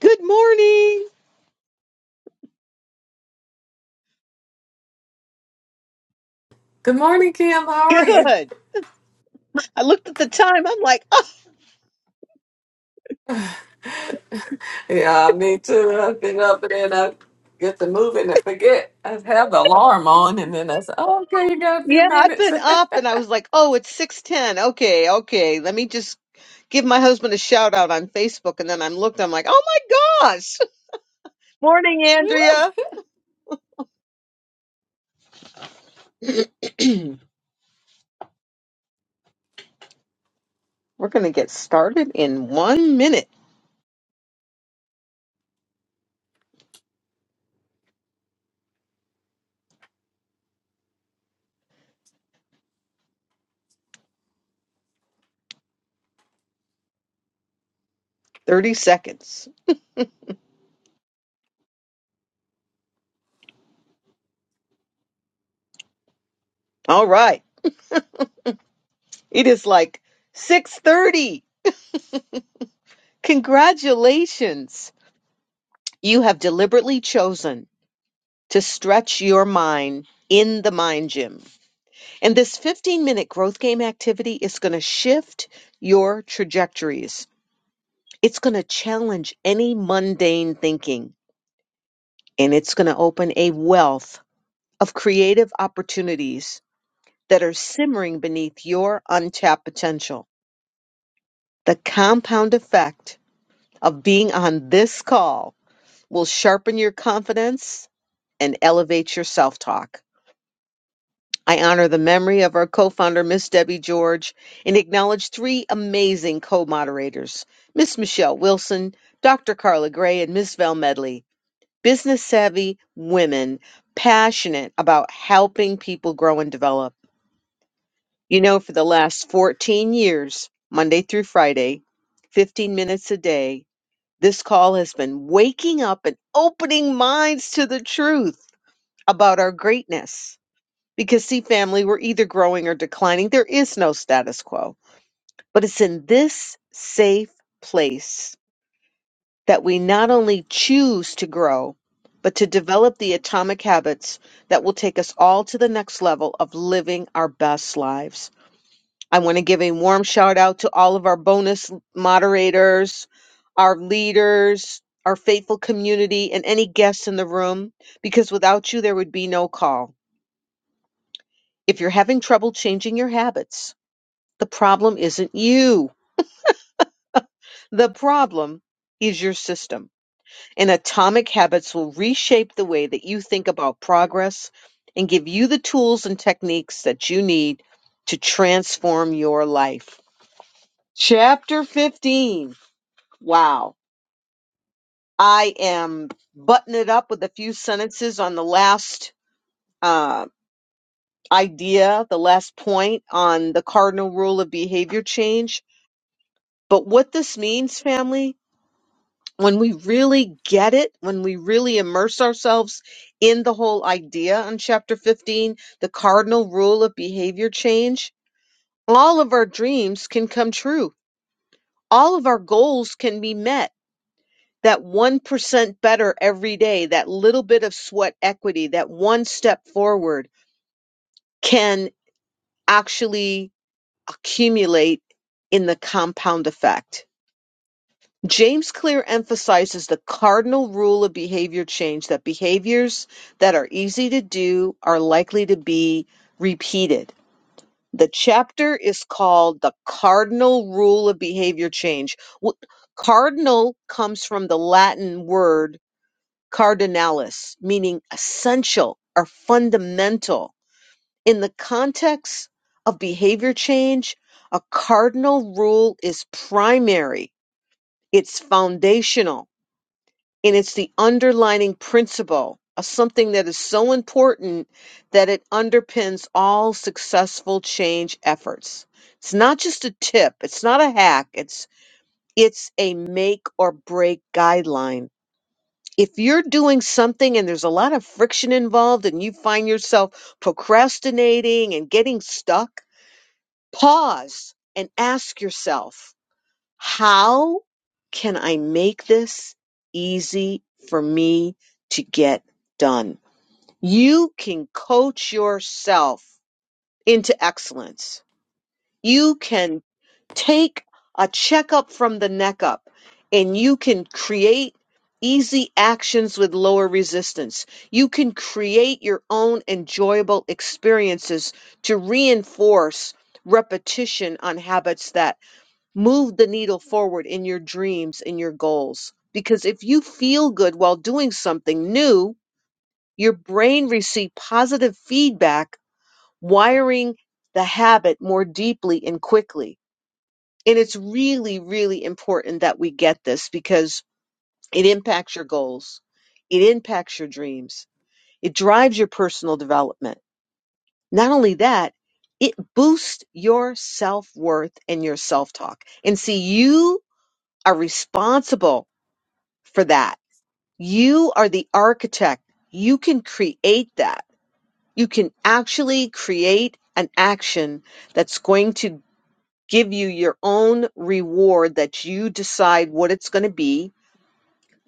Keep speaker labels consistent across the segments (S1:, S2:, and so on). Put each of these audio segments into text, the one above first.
S1: Good morning.
S2: Good morning, Kim. How are you?
S1: Good. I looked at the time. I'm like,
S2: Yeah, me too. I've been up and then I get to moving and forget. I have the alarm
S1: oh,
S2: on and then I say, oh, okay, you got a few
S1: yeah, I've
S2: minutes.
S1: been up. And I was like, oh, it's 610. Okay, okay. Let me just give my husband a shout out on Facebook. And then I'm looked, I'm like, oh my gosh. Morning,
S2: Yeah.
S1: Andrea. We're going to get started in one minute, 30 seconds. All right. It is like 630. Congratulations. You have deliberately chosen to stretch your mind in the mind gym. And this 15 minute growth game activity is going to shift your trajectories. It's going to challenge any mundane thinking and it's going to open a wealth of creative opportunities that are simmering beneath your untapped potential. The compound effect of being on this call will sharpen your confidence and elevate your self talk. I honor the memory of our co-founder, Miss Debbie George, and acknowledge three amazing co-moderators, Miss Michelle Wilson, Dr. Carla Gray, and Miss Val Medley, business savvy women passionate about helping people grow and develop. You know, for the last 14 years, Monday through Friday, 15 minutes a day, this call has been waking up and opening minds to the truth about our greatness because, see, family, we're either growing or declining. There is no status quo. But it's in this safe place that we not only choose to grow, but to develop the atomic habits that will take us all to the next level of living our best lives. I want to give a warm shout out to all of our bonus moderators, our leaders, our faithful community, and any guests in the room, because without you, there would be no call. If you're having trouble changing your habits, The problem isn't you. The problem is your system. And atomic habits will reshape the way that you think about progress and give you the tools and techniques that you need to transform your life. Chapter 15. Wow. I am buttoning it up with a few sentences on the last uh, idea, the last point on the cardinal rule of behavior change. But what this means, family, when we really get it, when we really immerse ourselves in the whole idea on chapter 15, the cardinal rule of behavior change, all of our dreams can come true. All of our goals can be met. That 1% better every day, that little bit of sweat equity, that one step forward can actually accumulate in the compound effect James Clear emphasizes the cardinal rule of behavior change that behaviors that are easy to do are likely to be repeated. The chapter is called The Cardinal Rule of Behavior Change. Wh- Cardinal comes from the Latin word cardinalis, meaning essential or fundamental. In the context of behavior change, a cardinal rule is primary, it's foundational and it's the underlining principle of something that is so important that it underpins all successful change efforts. It's not just a tip, it's not a hack, it's it's a make or break guideline. If you're doing something and there's a lot of friction involved and you find yourself procrastinating and getting stuck, pause and ask yourself how can I make this easy for me to get done? You can coach yourself into excellence. You can take a checkup from the neck up and you can create easy actions with lower resistance. You can create your own enjoyable experiences to reinforce repetition on habits that move the needle forward in your dreams in your goals. Because if you feel good while doing something new, your brain receives positive feedback, wiring the habit more deeply and quickly. And it's really, really important that we get this because it impacts your goals, it impacts your dreams, it drives your personal development. Not only that, it boosts your self worth and your self talk. And see, you are responsible for that. You are the architect. You can create that. You can actually create an action that's going to give you your own reward that you decide what it's going to be,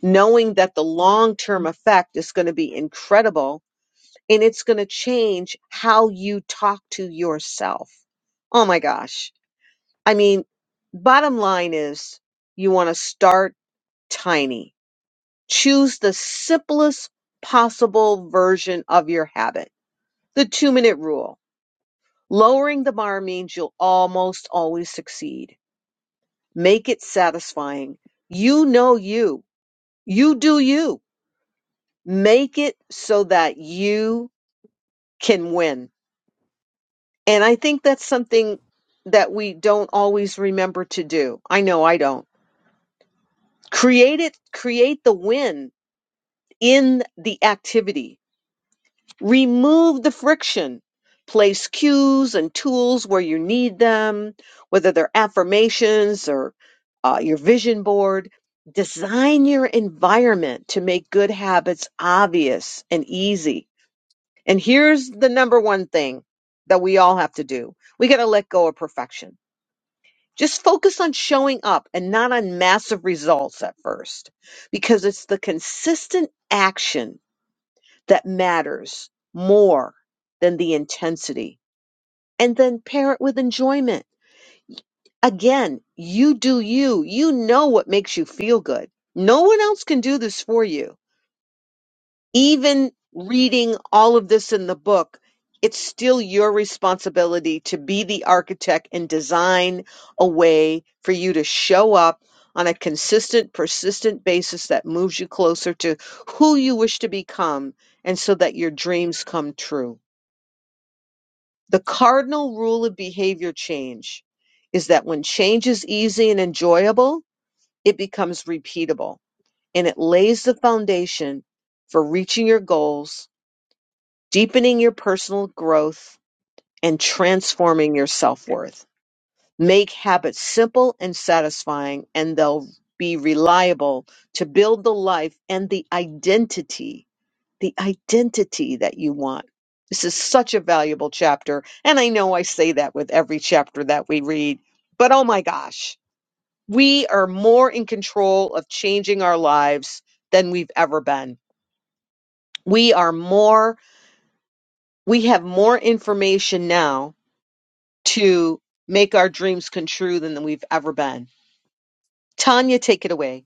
S1: knowing that the long term effect is going to be incredible and it's going to change how you talk to yourself. Oh my gosh. I mean, bottom line is you want to start tiny Choose the simplest possible version of your habit. The two minute rule. Lowering the bar means you'll almost always succeed. Make it satisfying. You know you. You do you. Make it so that you can win. And I think that's something that we don't always remember to do. I know I don't. Create it, create the win in the activity Remove the friction. Place cues and tools where you need them, whether they're affirmations or uh, your vision board. Design your environment to make good habits obvious and easy. And here's the number one thing that we all have to do we got to let go of perfection. Just focus on showing up and not on massive results at first, because it's the consistent action that matters more than the intensity. And then pair it with enjoyment. Again, you do you. You know what makes you feel good. No one else can do this for you even reading all of this in the book, it's still your responsibility to be the architect and design a way for you to show up on a consistent, persistent basis that moves you closer to who you wish to become and so that your dreams come true. The cardinal rule of behavior change is that when change is easy and enjoyable, it becomes repeatable and it lays the foundation for reaching your goals deepening your personal growth and transforming your self-worth. Make habits simple and satisfying and they'll be reliable to build the life and the identity, the identity that you want. This is such a valuable chapter. And I know I say that with every chapter that we read, but oh my gosh, we are more in control of changing our lives than we've ever been. We are more, we have more information now to make our dreams come true than we've ever been. Tanya, take it away.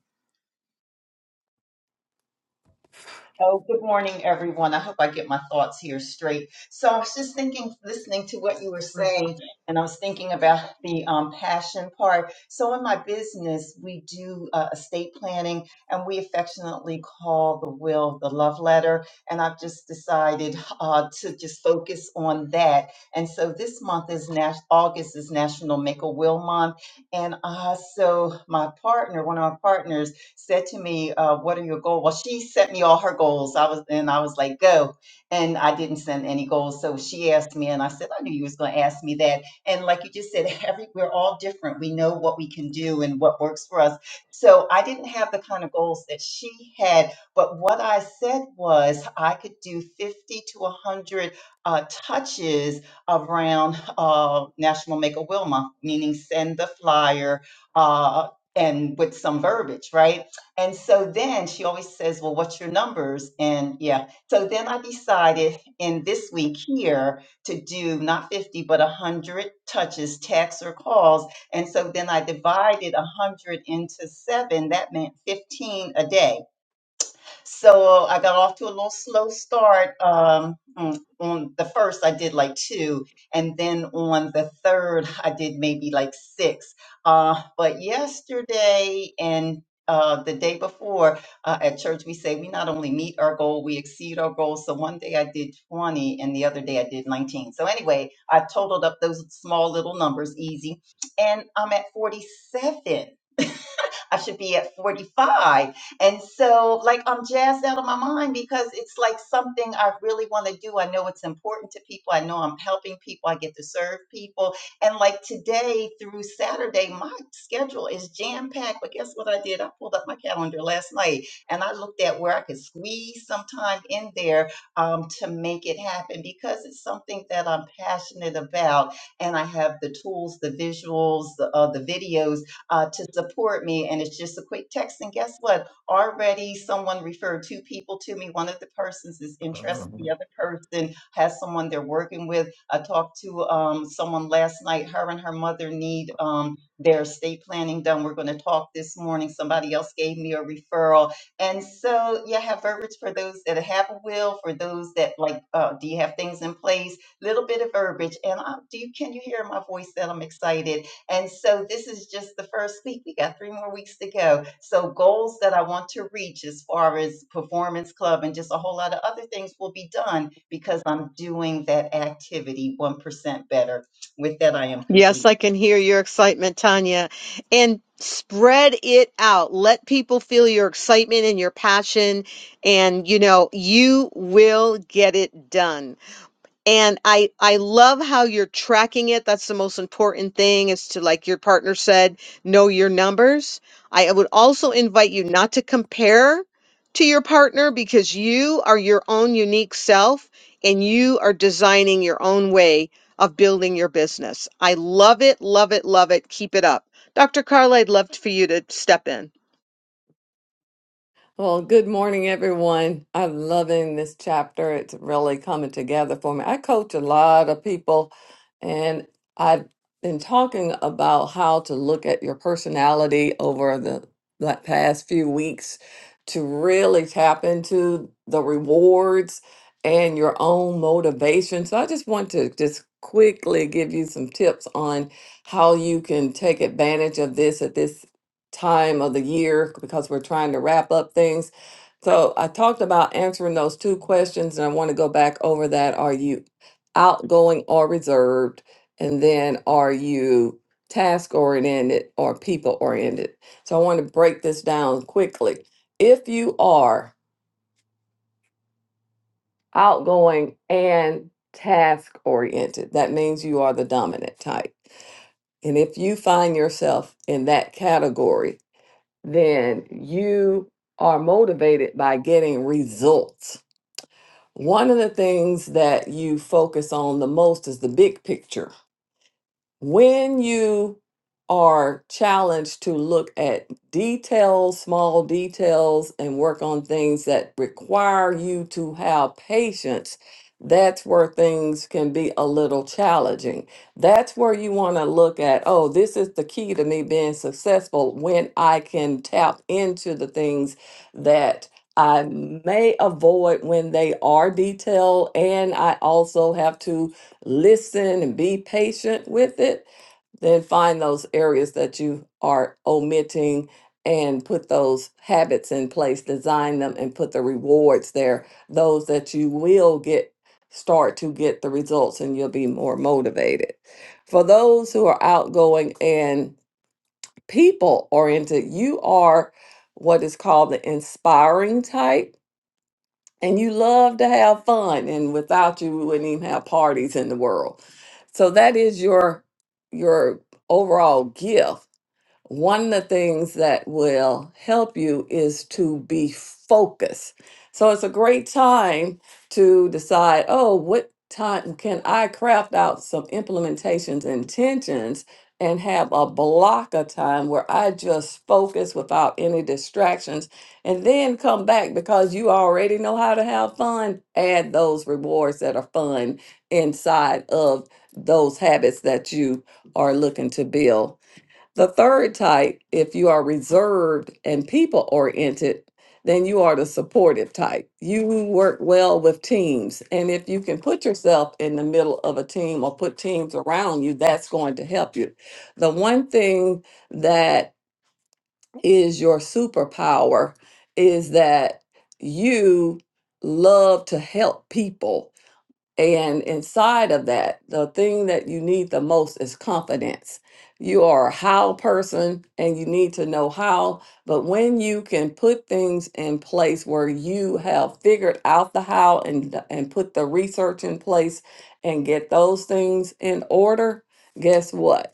S3: Oh, good morning, everyone. I hope I get my thoughts here straight. So I was just thinking, listening to what you were saying, and I was thinking about the um, passion part. So in my business, we do uh, estate planning, and we affectionately call the will the love letter. And I've just decided uh, to just focus on that. And so this month is Nas- August is National Make a Will Month, and uh, so my partner, one of my partners said to me, uh, "What are your goals?" Well, she sent me all her goals. I was and I was like, "Go," and I didn't send any goals. So she asked me, and I said, "I knew you was going to ask me that." And like you just said, every we're all different. We know what we can do and what works for us. So I didn't have the kind of goals that she had, but what I said was I could do fifty to one hundred uh, touches around uh, National Make a Will Month, meaning send the flyer. Uh, and with some verbiage, right? And so then she always says, Well, what's your numbers? And yeah. So then I decided in this week here to do not 50, but 100 touches, texts, or calls. And so then I divided 100 into seven. That meant 15 a day. So I got off to a little slow start. Um, mm, on the first, I did like two, and then on the third, I did maybe like six. Uh, but yesterday and uh, the day before uh, at church, we say we not only meet our goal, we exceed our goal. So one day I did 20, and the other day I did 19. So anyway, I totaled up those small little numbers easy, and I'm at 47. I should be at 45. And so, like, I'm jazzed out of my mind because it's like something I really want to do. I know it's important to people. I know I'm helping people. I get to serve people. And like today through Saturday, my schedule is jam packed. But guess what I did? I pulled up my calendar last night and I looked at where I could squeeze some time in there um, to make it happen because it's something that I'm passionate about. And I have the tools, the visuals, the, uh, the videos uh, to support me. And it's just a quick text. And guess what? Already someone referred two people to me. One of the persons is interested, the other person has someone they're working with. I talked to um, someone last night. Her and her mother need um, their estate planning done. We're going to talk this morning. Somebody else gave me a referral. And so, yeah, have verbiage for those that have a will, for those that like, uh, do you have things in place? Little bit of verbiage. And I, do you, can you hear my voice that I'm excited? And so this is just the first week. We got three more weeks to go. So goals that I want to reach as far as performance club and just a whole lot of other things will be done because I'm doing that activity 1% better. With that, I am complete.
S1: Yes, I can hear your excitement, Tanya. And spread it out. Let people feel your excitement and your passion. And, you know, you will get it done. and i i love how you're tracking it that's the most important thing is to like your partner said know your numbers i would also invite you not to compare to your partner because you are your own unique self and you are designing your own way of building your business i love it love it love it keep it up dr carla i'd love for you to step in
S2: Well, good morning, everyone. I'm loving this chapter. It's really coming together for me. I coach a lot of people, and I've been talking about how to look at your personality over the, the past few weeks to really tap into the rewards and your own motivation. So, I just want to just quickly give you some tips on how you can take advantage of this at this time of the year because we're trying to wrap up things. So I talked about answering those two questions, and I want to go back over that. Are you outgoing or reserved? And then are you task oriented or people oriented? So I want to break this down quickly. If you are outgoing and task oriented, that means you are the dominant type. And if you find yourself in that category, then you are motivated by getting results. One of the things that you focus on the most is the big picture when you are challenged to look at details, small details, and work on things that require you to have patience, that's where things can be a little challenging. That's where you want to look at, oh, this is the key to me being successful when I can tap into the things that I may avoid when they are detailed, and I also have to listen and be patient with it, then find those areas that you are omitting and put those habits in place, design them and put the rewards there, those that you will get start to get the results and you'll be more motivated. For those who are outgoing and people oriented, you are what is called the inspiring type and you love to have fun and without you we wouldn't even have parties in the world so that is your your overall gift one of the things that will help you is to be focused. So it's a great time to decide, oh, what time can I craft out some implementations, intentions, and have a block of time where I just focus without any distractions and then come back because you already know how to have fun. Add those rewards that are fun inside of those habits that you are looking to build. The third type, if you are reserved and people oriented, then you are the supportive type. You work well with teams. And if you can put yourself in the middle of a team or put teams around you, that's going to help you. The one thing that is your superpower is that you love to help people and inside of that, the thing that you need the most is confidence. You are a how person and you need to know how. But when you can put things in place where you have figured out the how and, and put the research in place and get those things in order, guess what?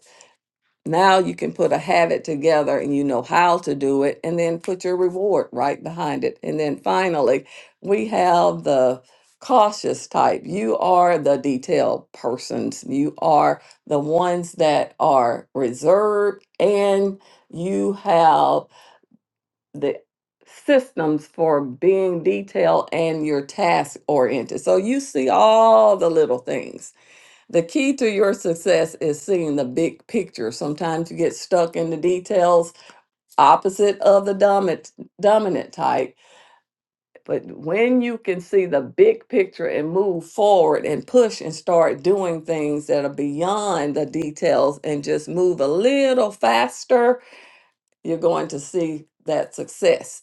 S2: Now you can put a habit together and you know how to do it, and then put your reward right behind it. And then finally, we have the cautious type. You are the detailed persons, you are the ones that are reserved, and you have the systems for being detailed and you're task oriented. So you see all the little things the key to your success is seeing the big picture. Sometimes you get stuck in the details opposite of the dominant, dominant type. But when you can see the big picture and move forward and push and start doing things that are beyond the details and just move a little faster, you're going to see that success.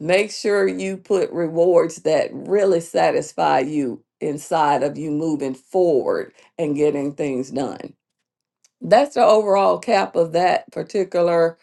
S2: Make sure you put rewards that really satisfy you inside of you moving forward and getting things done. That's the overall cap of that particular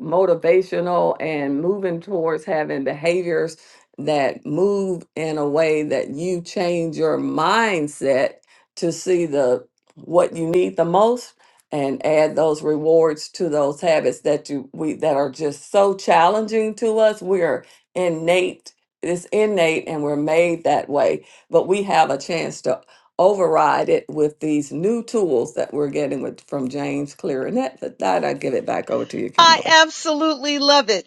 S2: motivational and moving towards having behaviors that move in a way that you change your mindset to see the what you need the most and add those rewards to those habits that you we that are just so challenging to us we're innate it's innate and we're made that way but we have a chance to override it with these new tools that we're getting with from james clear and that, that that i give it back over to you
S1: i
S2: kimberly
S1: absolutely love it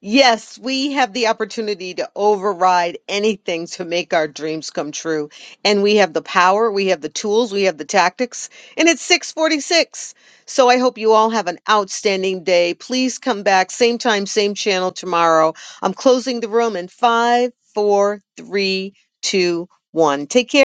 S1: Yes, we have the opportunity to override anything to make our dreams come true. And we have the power, we have the tools, we have the tactics, and it's 646. So I hope you all have an outstanding day. Please come back, same time, same channel tomorrow. I'm closing the room in five, four, three, two, one. Take care.